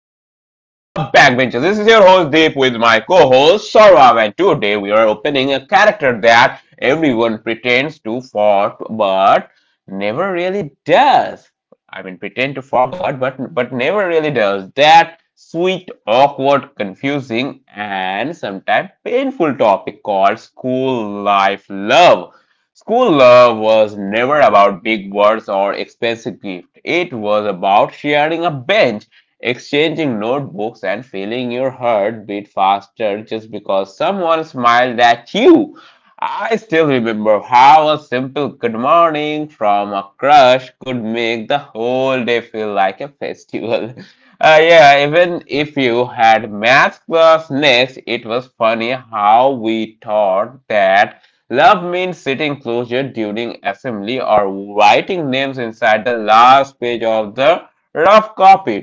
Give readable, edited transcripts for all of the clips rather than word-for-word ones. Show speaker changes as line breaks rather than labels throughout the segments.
Backbenchers. This is your host Deep with my co-host Saurav, and today we are opening a character that everyone pretends to fought but never really does. I mean, pretend to forget, but never really does. That sweet, awkward, confusing, and sometimes painful topic called school life love. School love was never about big words or expensive gifts. It was about sharing a bench, exchanging notebooks, and feeling your heart beat faster just because someone smiled at you. I still remember how a simple good morning from a crush could make the whole day feel like a festival. Yeah, even if you had math class next, it was funny how we thought that love means sitting closure during assembly or writing names inside the last page of the rough copy.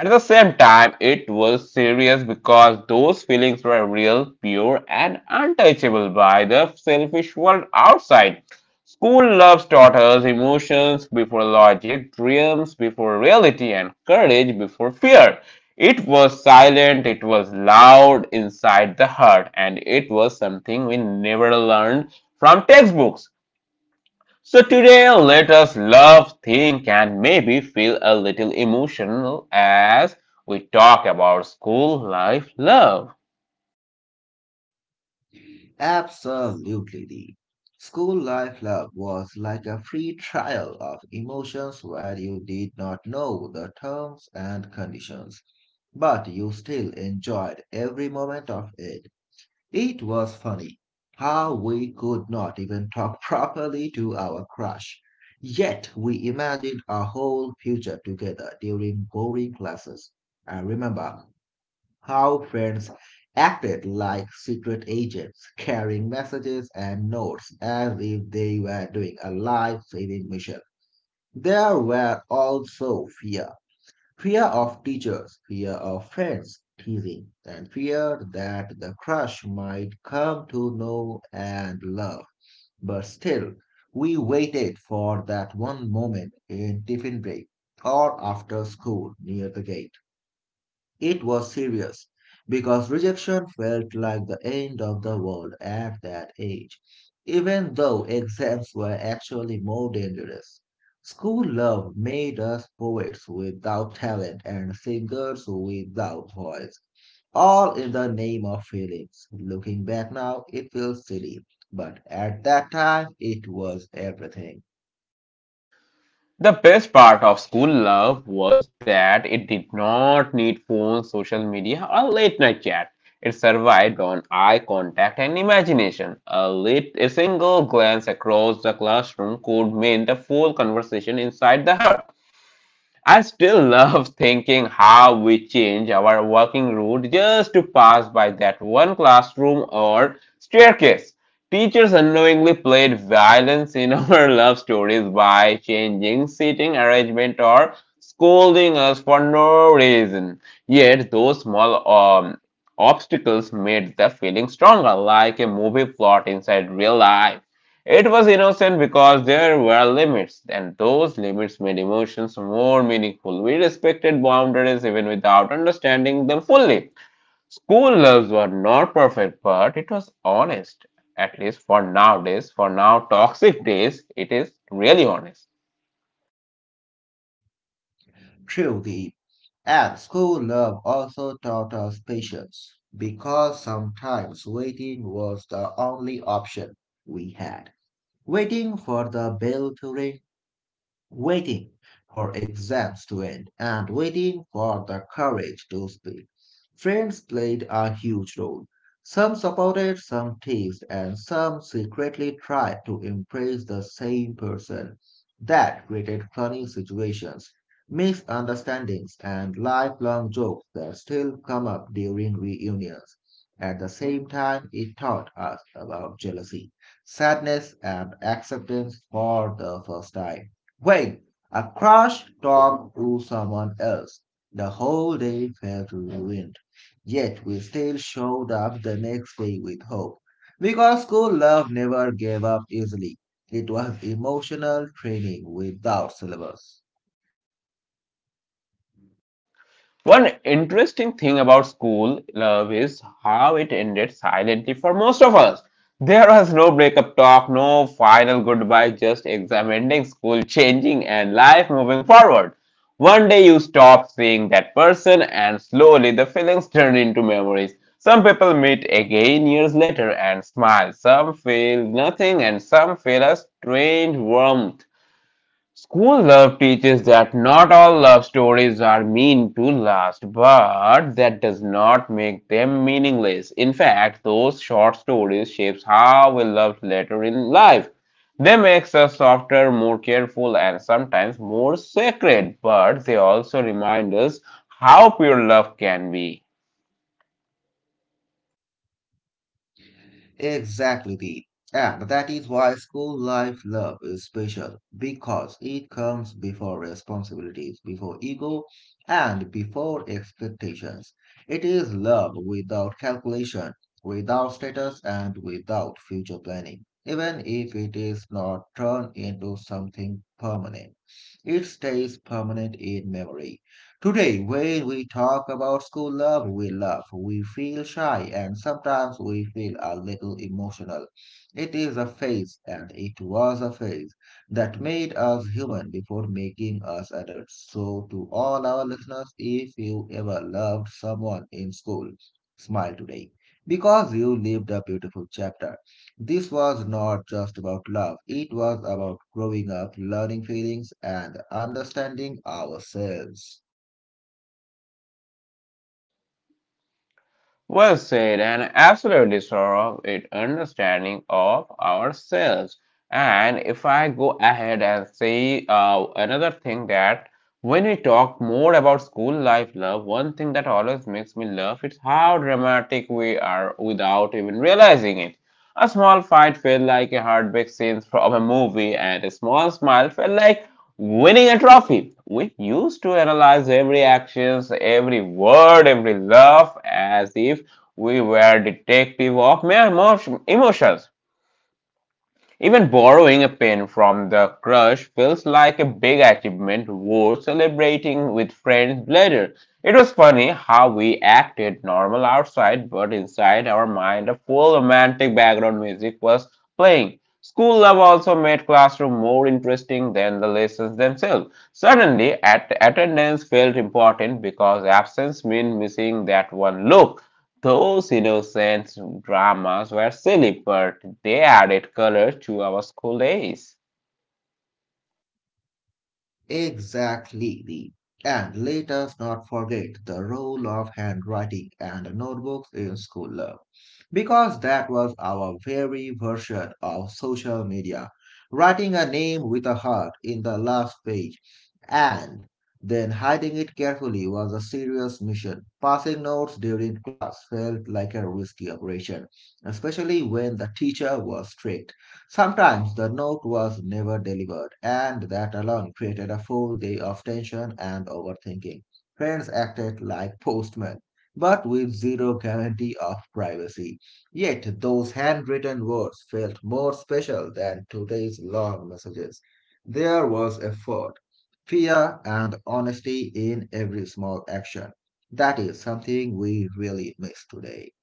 At the same time, it was serious because those feelings were real, pure, and untouchable by the selfish world outside. School loves taught us emotions before logic, dreams before reality, and courage before fear. It was silent, it was loud inside the heart, and it was something we never learned from textbooks. So today let us love, think and maybe feel a little emotional as we talk about school life love.
Absolutely. The school life love was like a free trial of emotions where you did not know the terms and conditions, but you still enjoyed every moment of it. It was funny how we could not even talk properly to our crush. Yet we imagined our whole future together during boring classes. I remember how friends acted like secret agents, carrying messages and notes as if they were doing a life saving mission. There were also fear of teachers, fear of friends teasing, and fear that the crush might come to know and love. But still, we waited for that one moment in tiffin break or after school near the gate. It was serious because rejection felt like the end of the world at that age, even though exams were actually more dangerous. School love made us poets without talent and singers without voice, all in the name of feelings. Looking back now, it feels silly, but at that time, it was everything.
The best part of school love was that it did not need phones, social media or late night chat. It survived on eye contact and imagination. A single glance across the classroom could mean the full conversation inside the heart. I still love thinking how we change our walking route just to pass by that one classroom or staircase. Teachers unknowingly played violence in our love stories by changing seating arrangement or scolding us for no reason. Yet those small obstacles made the feeling stronger, like a movie plot inside real life. It was innocent because there were limits, and those limits made emotions more meaningful. We respected boundaries even without understanding them fully. School loves were not perfect, but it was honest. At least for nowadays, for now toxic days, it is really honest.
True, the at school love also taught us patience because sometimes waiting was the only option we had. Waiting for the bell to ring, waiting for exams to end, and waiting for the courage to speak. Friends played a huge role. Some supported, some teased, and some secretly tried to impress the same person. That created funny situations, misunderstandings, and lifelong jokes that still come up during reunions. At the same time, it taught us about jealousy, sadness, and acceptance for the first time. When a crash talk to someone else, the whole day felt ruined. Yet we still showed up the next day with hope, because school love never gave up easily. It was emotional training without syllabus.
One interesting thing about school love is how it ended silently for most of us. There was no breakup talk, no final goodbye, just exam ending, school changing, and life moving forward. One day you stop seeing that person, and slowly the feelings turn into memories. Some people meet again years later and smile. Some feel nothing, and some feel a strange warmth. School love teaches that not all love stories are meant to last, but that does not make them meaningless. In fact, those short stories shapes how we love later in life. They make us softer, more careful, and sometimes more sacred, but they also remind us how pure love can be.
Exactly, Deep. And that is why school life love is special, because it comes before responsibilities, before ego, and before expectations. It is love without calculation, without status, and without future planning. Even if it is not turned into something permanent, it stays permanent in memory. Today, when we talk about school love, we feel shy, and sometimes we feel a little emotional. It is a phase, and it was a phase that made us human before making us adults. So, to all our listeners, if you ever loved someone in school, smile today because you lived a beautiful chapter. This was not just about love, it was about growing up, learning feelings, and understanding ourselves.
Well said, an absolute disorder of it understanding of ourselves. And if I go ahead and say another thing that when we talk more about school life love, one thing that always makes me laugh is how dramatic we are without even realizing it. A small fight felt like a heartbreak scene from a movie, and a small smile felt like winning a trophy. We used to analyze every actions, every word, every laugh as if we were detective of mere emotions. Even borrowing a pen from the crush feels like a big achievement worth celebrating with friends later. It was funny how we acted normal outside, but inside our mind, a full romantic background music was playing. School love also made classroom more interesting than the lessons themselves. Suddenly, attendance felt important because absence meant missing that one look. Those innocent dramas were silly, but they added color to our school days.
Exactly. And let us not forget the role of handwriting and notebooks in school love, because that was our very version of social media. Writing a name with a heart in the last page and then hiding it carefully was a serious mission. Passing notes during class felt like a risky operation, especially when the teacher was strict. Sometimes the note was never delivered, and that alone created a full day of tension and overthinking. Friends acted like postmen, but with zero guarantee of privacy. Yet those handwritten words felt more special than today's long messages. There was effort, fear, and honesty in every small action. That is something we really miss today.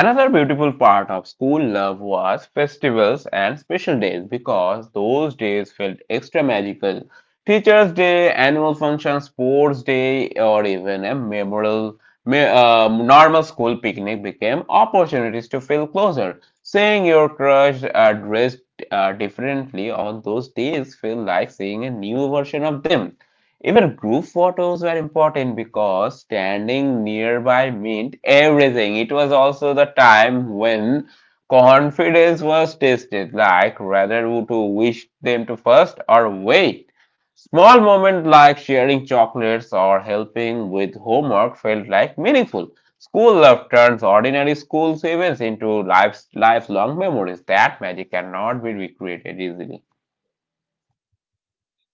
Another beautiful part of school love was festivals and special days because those days felt extra magical. Teachers' Day, annual function, sports day, or even a memorial, normal school picnic became opportunities to feel closer. Seeing your crush dressed differently on those days feel like seeing a new version of them. Even group photos were important because standing nearby meant everything. It was also the time when confidence was tested, like whether to wish them to first or wait. Small moments like sharing chocolates or helping with homework felt like meaningful. School love turns ordinary school events into life's lifelong memories. That magic cannot be recreated easily.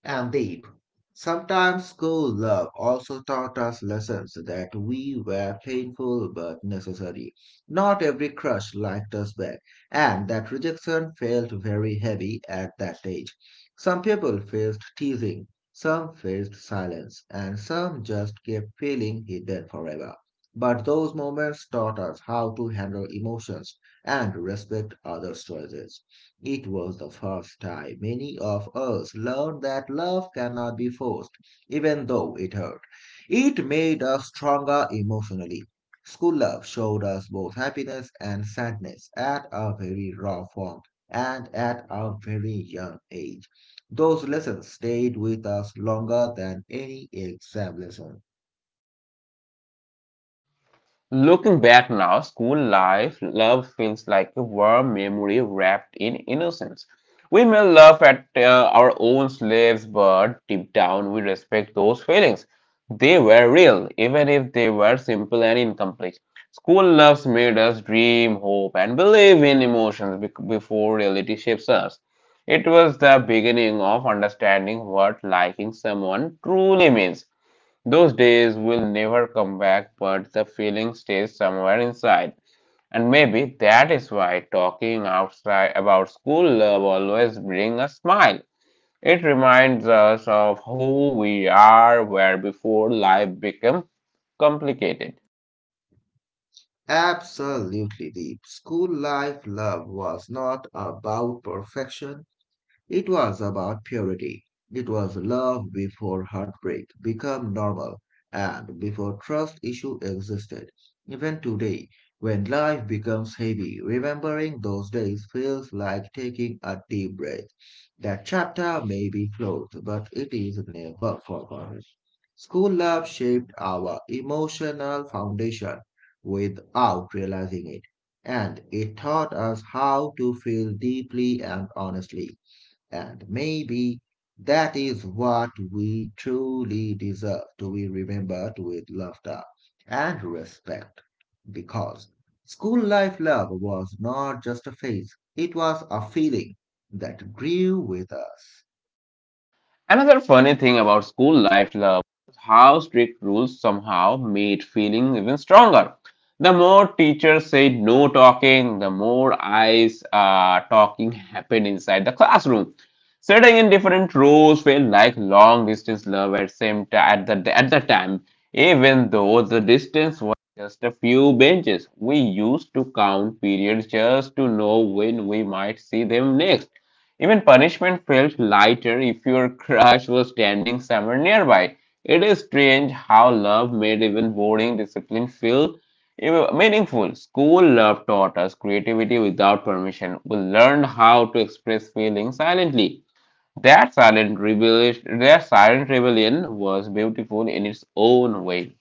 And Deep, sometimes school love also taught us lessons that we were painful but necessary. Not every crush liked us back, and that rejection felt very heavy at that age. Some people faced teasing, some faced silence, and some just kept feeling hidden forever. But those moments taught us how to handle emotions and respect others' choices. It was the first time many of us learned that love cannot be forced, even though it hurt. It made us stronger emotionally. School love showed us both happiness and sadness at a very raw form and at a very young age. Those lessons stayed with us longer than any exam lesson.
Looking back now, school life, love feels like a warm memory wrapped in innocence. We may laugh at our own slaves, but deep down we respect those feelings. They were real, even if they were simple and incomplete. School loves made us dream, hope, and believe in emotions before reality shapes us. It was the beginning of understanding what liking someone truly means. Those days will never come back, but the feeling stays somewhere inside. And maybe that is why talking outside about school love always brings a smile. It reminds us of who we are, where before life became complicated.
Absolutely, Deep. School life love was not about perfection, it was about purity. It was love before heartbreak became normal and before trust issue existed. Even today, when life becomes heavy, remembering those days feels like taking a deep breath. That chapter may be closed, but it is never forgotten. School love shaped our emotional foundation without realizing it, and it taught us how to feel deeply and honestly. And maybe that is what we truly deserve, to be remembered with laughter and respect. Because school life love was not just a phase, it was a feeling that grew with us.
Another funny thing about school life love is how strict rules somehow made feeling even stronger. The more teachers said no talking, the more eyes talking happened inside the classroom. Sitting in different rows felt like long distance love at same ti- at the time, even though the distance was just a few benches. We used to count periods just to know when we might see them next. Even punishment felt lighter if your crush was standing somewhere nearby. It is strange how love made even boring discipline feel even meaningful. School love taught us creativity without permission. We learned how to express feelings silently. That silent rebellion was beautiful in its own way.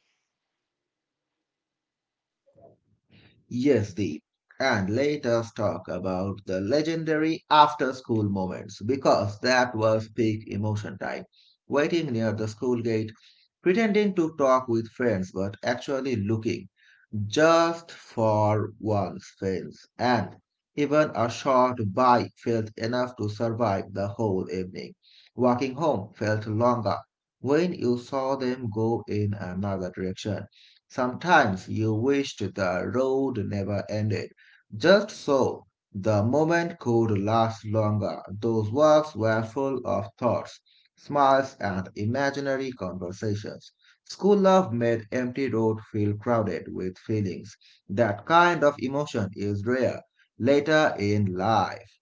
Yes, Deep. And let us talk about the legendary after school moments, because that was peak emotion time. Waiting near the school gate, pretending to talk with friends but actually looking just for one spins, and even a short bite felt enough to survive the whole evening. Walking home felt longer when you saw them go in another direction. Sometimes you wished the road never ended, just so the moment could last longer. Those walks were full of thoughts, smiles, and imaginary conversations. School love made Empty Road feel crowded with feelings. That kind of emotion is rare later in life.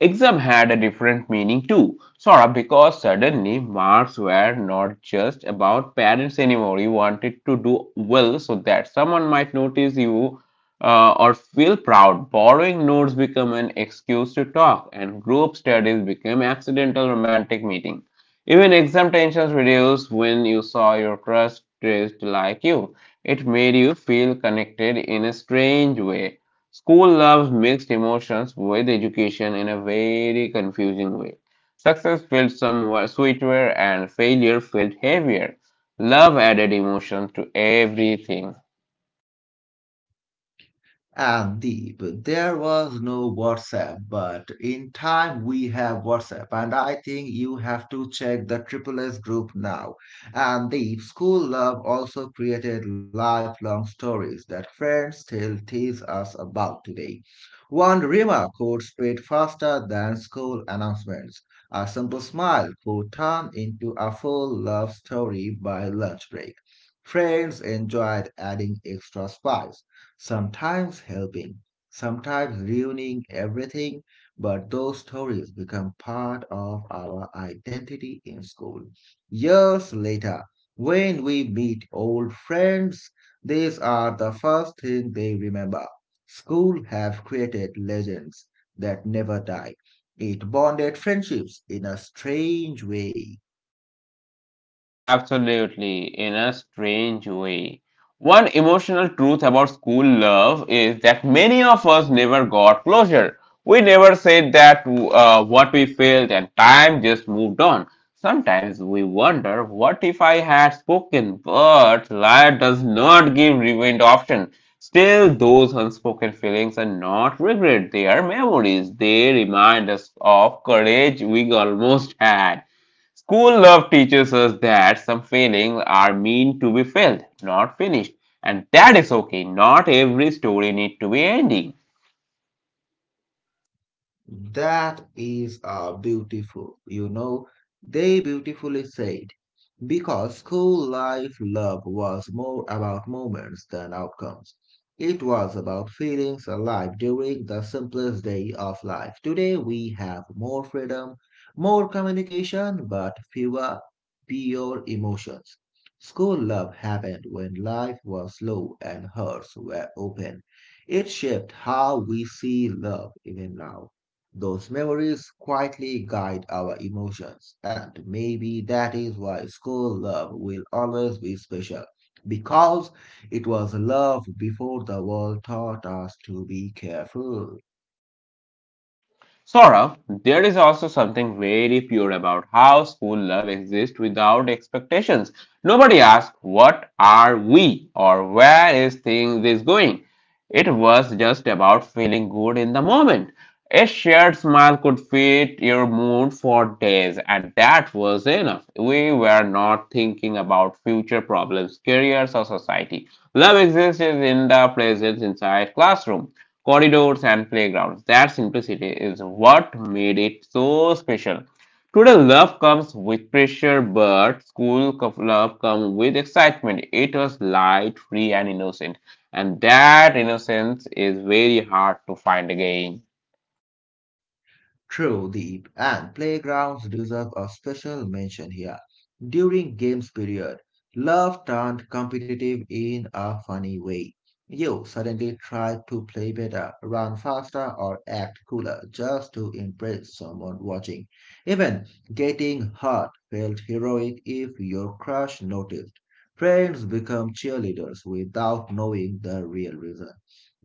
Exam had a different meaning too, sort of because suddenly marks were not just about parents anymore. You wanted to do well so that someone might notice you or feel proud. Borrowing notes became an excuse to talk, and group studies became accidental romantic meeting. Even exam tensions reduced when you saw your crush dressed like you. It made you feel connected in a strange way. School loves mixed emotions with education in a very confusing way. Success felt somewhat sweeter and failure felt heavier. Love added emotion to everything.
And Deep, there was no WhatsApp, but in time we have WhatsApp, and I think you have to check the Triple S group now. And Deep, school love also created lifelong stories that friends still tease us about today. One remark could spread faster than school announcements. A simple smile could turn into a full love story by lunch break. Friends enjoyed adding extra spice, sometimes helping, sometimes ruining everything, but those stories become part of our identity in school. Years later, when we meet old friends, these are the first thing they remember. School have created legends that never die. It bonded friendships in a strange way.
Absolutely, in a strange way. One emotional truth about school love is that many of us never got closure. We never said that what we felt, and time just moved on. Sometimes we wonder, what if I had spoken? But life does not give rewind option. Still, those unspoken feelings are not regret; they are memories. They remind us of courage we almost had. School love teaches us that some feelings are meant to be filled, not finished. And that is okay. Not every story needs to be ending.
That is beautiful, you know. They beautifully said. Because school life love was more about moments than outcomes. It was about feelings alive during the simplest day of life. Today we have more freedom, more communication, but fewer pure emotions. School love happened when life was slow and hearts were open. It shaped how we see love even now. Those memories quietly guide our emotions, and maybe that is why school love will always be special, because it was love before the world taught us to be careful.
Saurav, there is also something very pure about how school love exists without expectations. Nobody asks, what are we? Or where is things is going? It was just about feeling good in the moment. A shared smile could fit your mood for days, and that was enough. We were not thinking about future problems, careers, or society. Love exists in the presence inside classroom corridors, and playgrounds. That simplicity is what made it so special. Today, love comes with pressure, but school love comes with excitement. It was light, free, and innocent, and that innocence is very hard to find again.
True, the and playgrounds deserve a special mention here. During games period, love turned competitive in a funny way. You suddenly tried to play better, run faster, or act cooler just to impress someone watching. Even getting hurt felt heroic if your crush noticed. Friends become cheerleaders without knowing the real reason.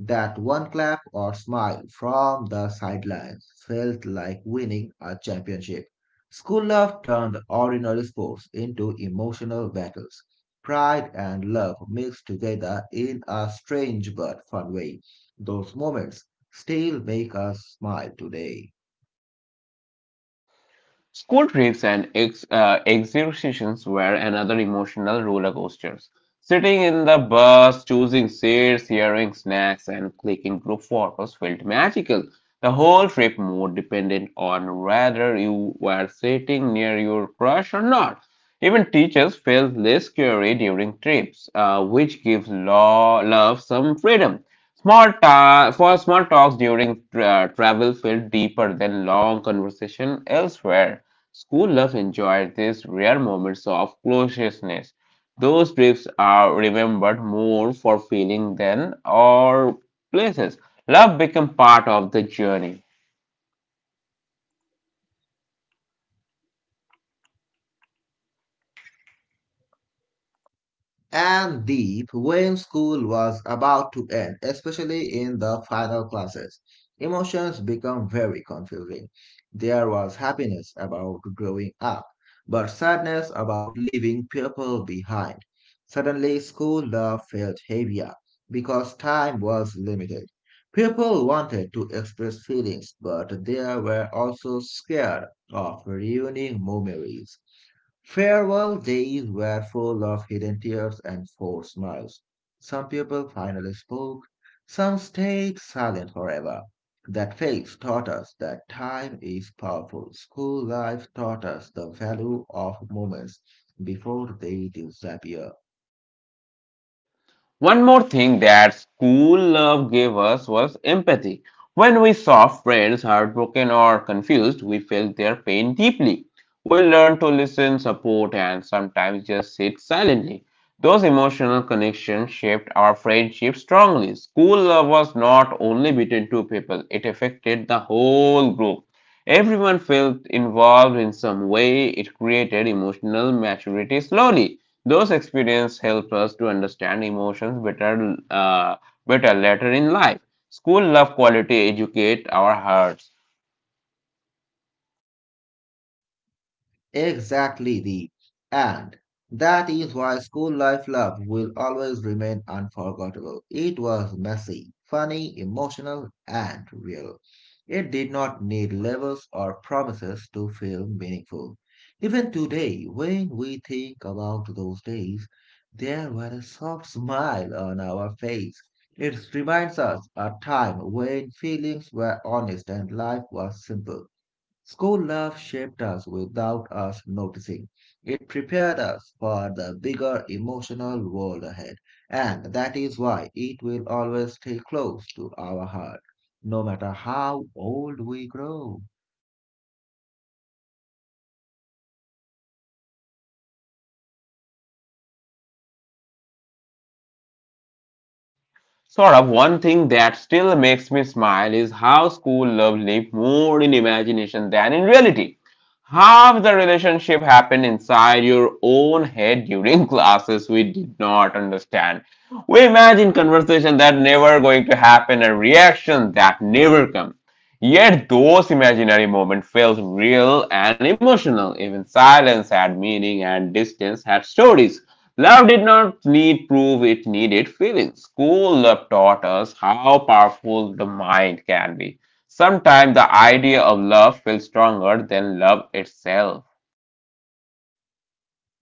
That one clap or smile from the sidelines felt like winning a championship. School love turned ordinary sports into emotional battles. Pride and love mixed together in a strange but fun way. Those moments still make us smile today.
School trips and exhibitions were another emotional roller coasters. Sitting in the bus, choosing seats, hearing snacks, and clicking group photos felt magical. The whole trip more dependent on whether you were sitting near your crush or not. Even teachers felt less scary during trips, which gives law love some freedom. For small talks during travel felt deeper than long conversation elsewhere. School love enjoyed these rare moments of closeness. Those trips are remembered more for feeling than or places. Love became part of the journey.
And Deep, when school was about to end, especially in the final classes, emotions become very confusing. There was happiness about growing up, but sadness about leaving people behind. Suddenly, school love felt heavier because time was limited. People wanted to express feelings, but they were also scared of ruining memories. Farewell days were full of hidden tears and forced smiles. Some people finally spoke, some stayed silent forever. That phase taught us that time is powerful. School life taught us the value of moments before they disappear.
One more thing that school love gave us was empathy. When we saw friends heartbroken or confused, we felt their pain deeply. We learned to listen, support, and sometimes just sit silently. Those emotional connections shaped our friendship strongly. School love was not only between two people, it affected the whole group. Everyone felt involved in some way. It created emotional maturity slowly. Those experiences help us to understand emotions better later in life. School love quality educate our hearts.
Exactly. the and That is why school life love will always remain unforgettable. It was messy, funny, emotional, and real. It did not need labels or promises to feel meaningful. Even today, when we think about those days, there was a soft smile on our face. It reminds us a time when feelings were honest and life was simple. School life shaped us without us noticing. It prepared us for the bigger emotional world ahead, and that is why it will always stay close to our heart, no matter how old we grow.
Saurabh, one thing that still makes me smile is how school love lived more in imagination than in reality. Half the relationship happened inside your own head during classes we did not understand. We imagine conversation that never going to happen and reaction that never come. Yet those imaginary moments felt real and emotional. Even silence had meaning and distance had stories. Love did not need proof, it needed feelings. School love taught us how powerful the mind can be. Sometimes the idea of love feels stronger than love itself.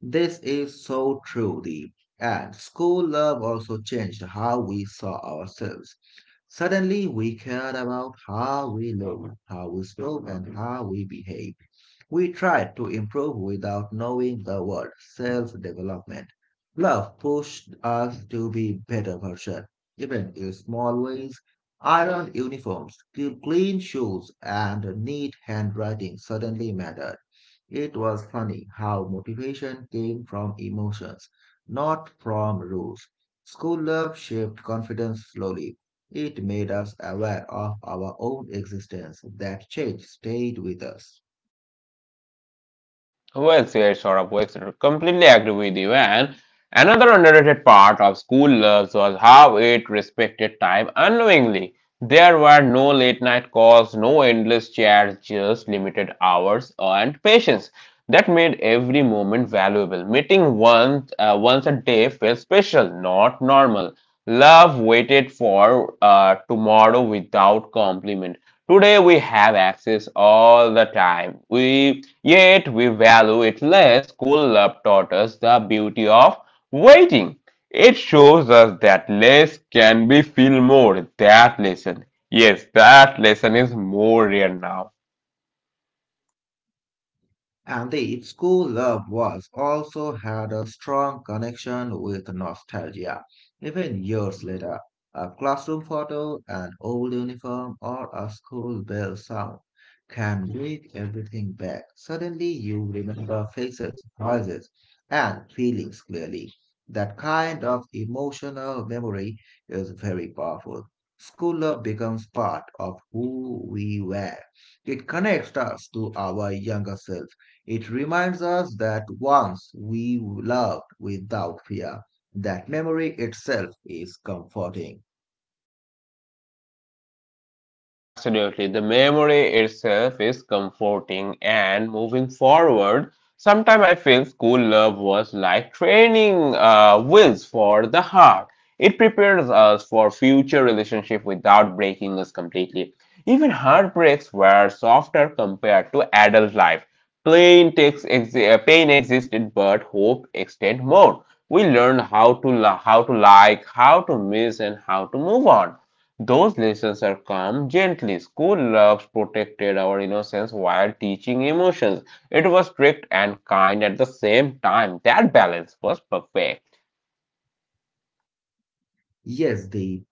This is so true, Deep. And school love also changed how we saw ourselves. Suddenly, we cared about how we looked, how we spoke, and how we behaved. We tried to improve without knowing the word self development. Love pushed us to be better versions, even in small ways. Iron uniforms, clean shoes, and neat handwriting suddenly mattered. It was funny how motivation came from emotions, not from rules. School love shaped confidence slowly. It made us aware of our own existence. That change stayed with us.
Well said, Saurabh. Well said. Completely agree with you. And another underrated part of school loves was how it respected time unknowingly. There were no late night calls, no endless chats, just limited hours and patience. That made every moment valuable. Meeting once once a day felt special, not normal. Love waited for tomorrow without compliment. Today we have access all the time. We yet we value it less. School love taught us the beauty of waiting. It shows us that less can be feel more. That lesson, yes, that lesson is more real now.
And the school love was also had a strong connection with nostalgia. Even years later, a classroom photo, an old uniform, or a school bell sound can bring everything back. Suddenly, you remember faces, voices, and feelings clearly. That kind of emotional memory is very powerful. School love becomes part of who we were. It connects us to our younger self, it reminds us that once we loved without fear, that memory itself is comforting.
Absolutely. The memory itself is comforting and moving forward. Sometimes I feel school love was like training wheels for the heart. It prepares us for future relationship without breaking us completely. Even heartbreaks were softer compared to adult life. Pain, pain existed, but hope extended more. We learned how to, how to like, how to miss, and how to move on. Those lessons are calm gently. School loves protected our innocence while teaching emotions. It was strict and kind at the same time. That balance was perfect.
Yes, Deep.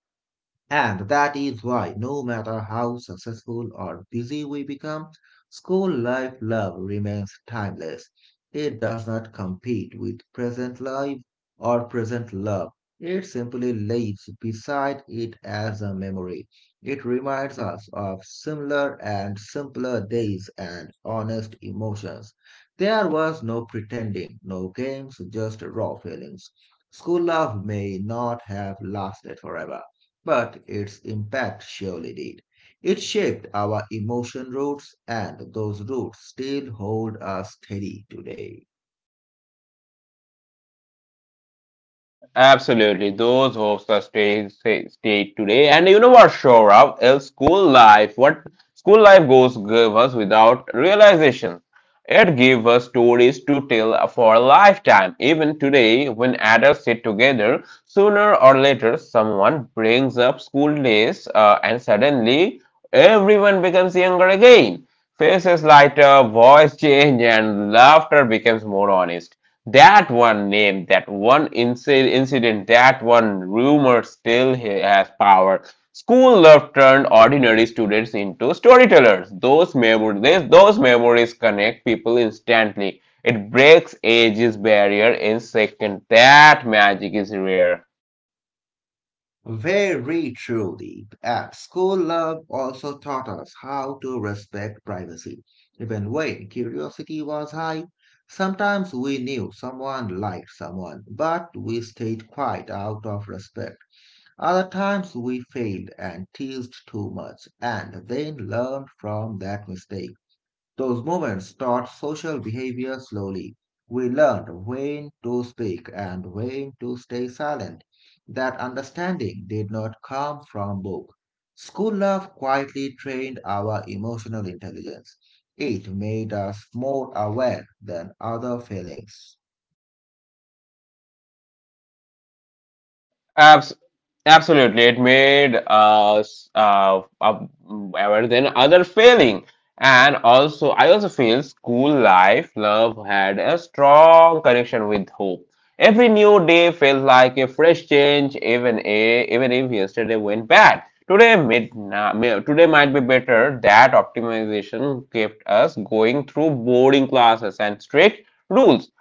And that is why, no matter how successful or busy we become, school life love remains timeless. It does not compete with present life or present love. It simply lives beside it as a memory. It reminds us of similar and simpler days and honest emotions. There was no pretending, no games, just raw feelings. School love may not have lasted forever, but its impact surely did. It shaped our emotion roots, and those roots still hold us steady today.
Absolutely, those hopes are stay today. And you know what, Shorav, else school life, what school life goes give us without realization. It gives us stories to tell for a lifetime. Even today, when adults sit together, sooner or later, someone brings up school days, and suddenly everyone becomes younger again. Faces lighter, voice change, and laughter becomes more honest. That one name, incident, that one rumor has power. School love turned ordinary students into storytellers. Those memories connect people instantly. It breaks ages barrier in second. That magic is rare.
Very truly, at school love also taught us how to respect privacy. Even when curiosity was high, sometimes we knew someone liked someone, but we stayed quiet out of respect. Other times we failed and teased too much, and then learned from that mistake. Those moments taught social behavior slowly. We learned when to speak and when to stay silent. That understanding did not come from book. School love quietly trained our emotional intelligence. It made us more aware than other feelings.
Abs Absolutely, it made us better than other failing. And also, I also feel school life love had a strong connection with hope. Every new day felt like a fresh change, even if yesterday went bad. Today might be better. That optimization kept us going through boarding classes and strict rules.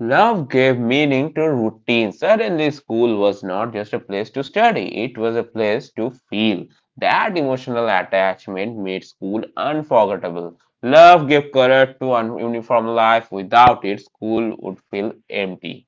Love gave meaning to routine. Suddenly, school was not just a place to study, it was a place to feel. That emotional attachment made school unforgettable. Love gave color to an uniform life. Without it, school would feel empty.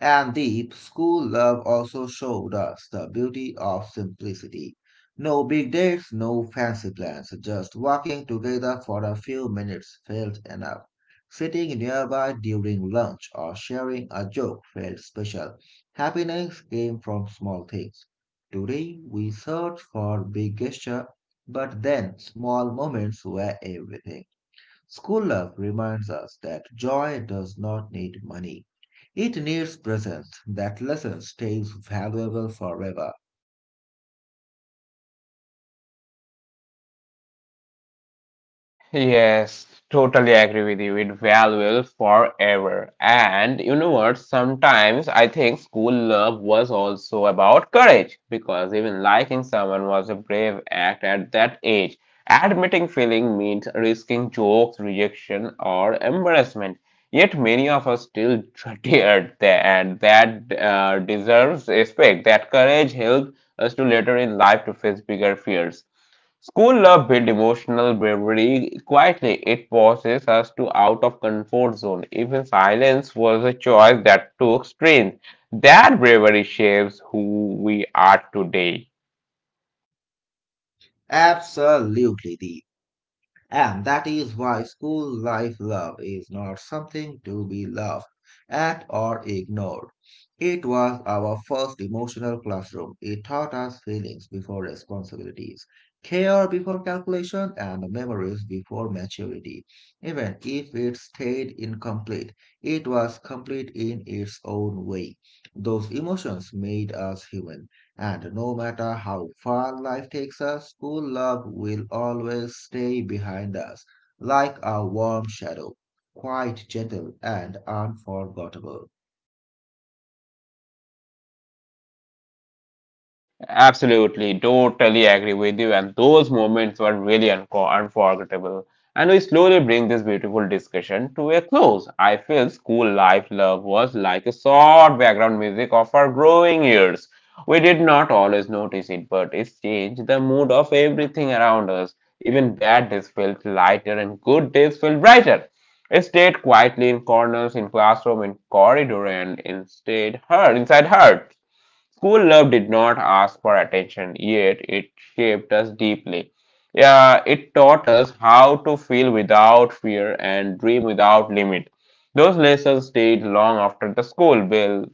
And deep school love also showed us the beauty of simplicity. No big dates, no fancy plans, just walking together for a few minutes felt enough. Sitting nearby during lunch or sharing a joke felt special. Happiness came from small things. Today we search for big gesture, but then small moments were everything. School love reminds us that joy does not need money. It needs presence. That lesson stays valuable forever.
Yes, totally agree with you. It valuable forever. And you know what? Sometimes I think school love was also about courage because even liking someone was a brave act at that age. Admitting feeling means risking jokes, rejection, or embarrassment. Yet many of us still dread that, and that deserves respect. That courage helped us to later in life to face bigger fears. School love builds emotional bravery quietly. It forces us to out of comfort zone. Even silence was a choice that took strength. That bravery shapes who we are today.
Absolutely, Deep. And that is why school life love is not something to be laughed at or ignored. It was our first emotional classroom. It taught us feelings before responsibilities, care before calculation, and memories before maturity. Even if it stayed incomplete, it was complete in its own way. Those emotions made us human. And no matter how far life takes us, school love will always stay behind us, like a warm shadow, quite gentle and unforgettable.
Absolutely, totally agree with you. And those moments were really unforgettable. And we slowly bring this beautiful discussion to a close. I feel school life love was like a soft background music of our growing years. We did not always notice it, but it changed the mood of everything around us. Even bad days felt lighter and good days felt brighter. It stayed quietly in corners, in classroom, in corridor, and instead heard inside heart. School love did not ask for attention, yet it shaped us deeply. Yeah, it taught us how to feel without fear and dream without limit. Those lessons stayed long after the school bell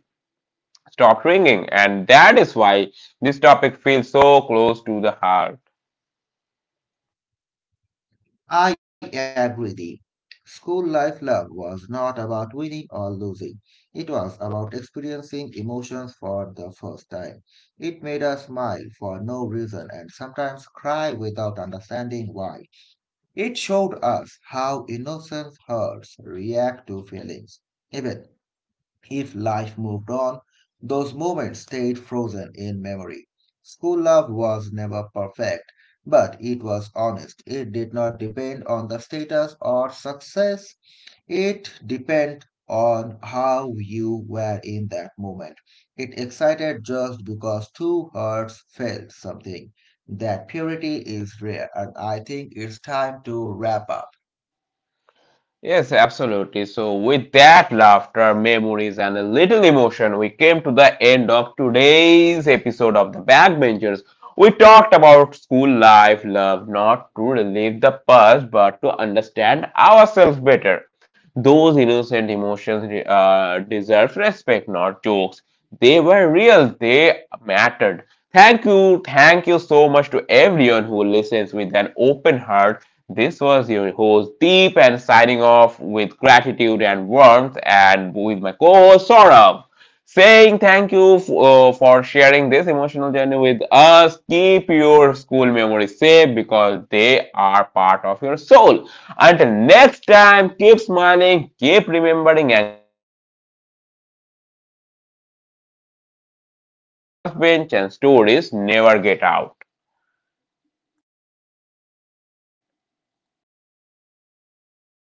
stopped ringing, and that is why this topic feels so close to the heart.
I agree thee. School life love was not about winning or losing. It was about experiencing emotions for the first time. It made us smile for no reason and sometimes cry without understanding why. It showed us how innocent hearts react to feelings. Even if life moved on, those moments stayed frozen in memory. School love was never perfect, but it was honest. It did not depend on the status or success, it depends on how you were in that moment. It excited just because two hearts felt something. That purity is rare, and I think it's time to wrap up.
Yes, absolutely. So, with that laughter, memories, and a little emotion, we came to the end of today's episode of The Backbenchers. We talked about school life, love, not to relive the past, but to understand ourselves better. Those innocent emotions deserve respect, not jokes. They were real. They mattered. Thank you. Thank you so much to everyone who listens with an open heart. This was your host Deep and signing off with gratitude and warmth and with my co-host Saurabh saying thank you for sharing this emotional journey with us. Keep your school memories safe because they are part of your soul. Until next time, keep smiling, keep remembering, and keep feeling. This was the Backbenchers where memories sit on the last bench and stories never get out.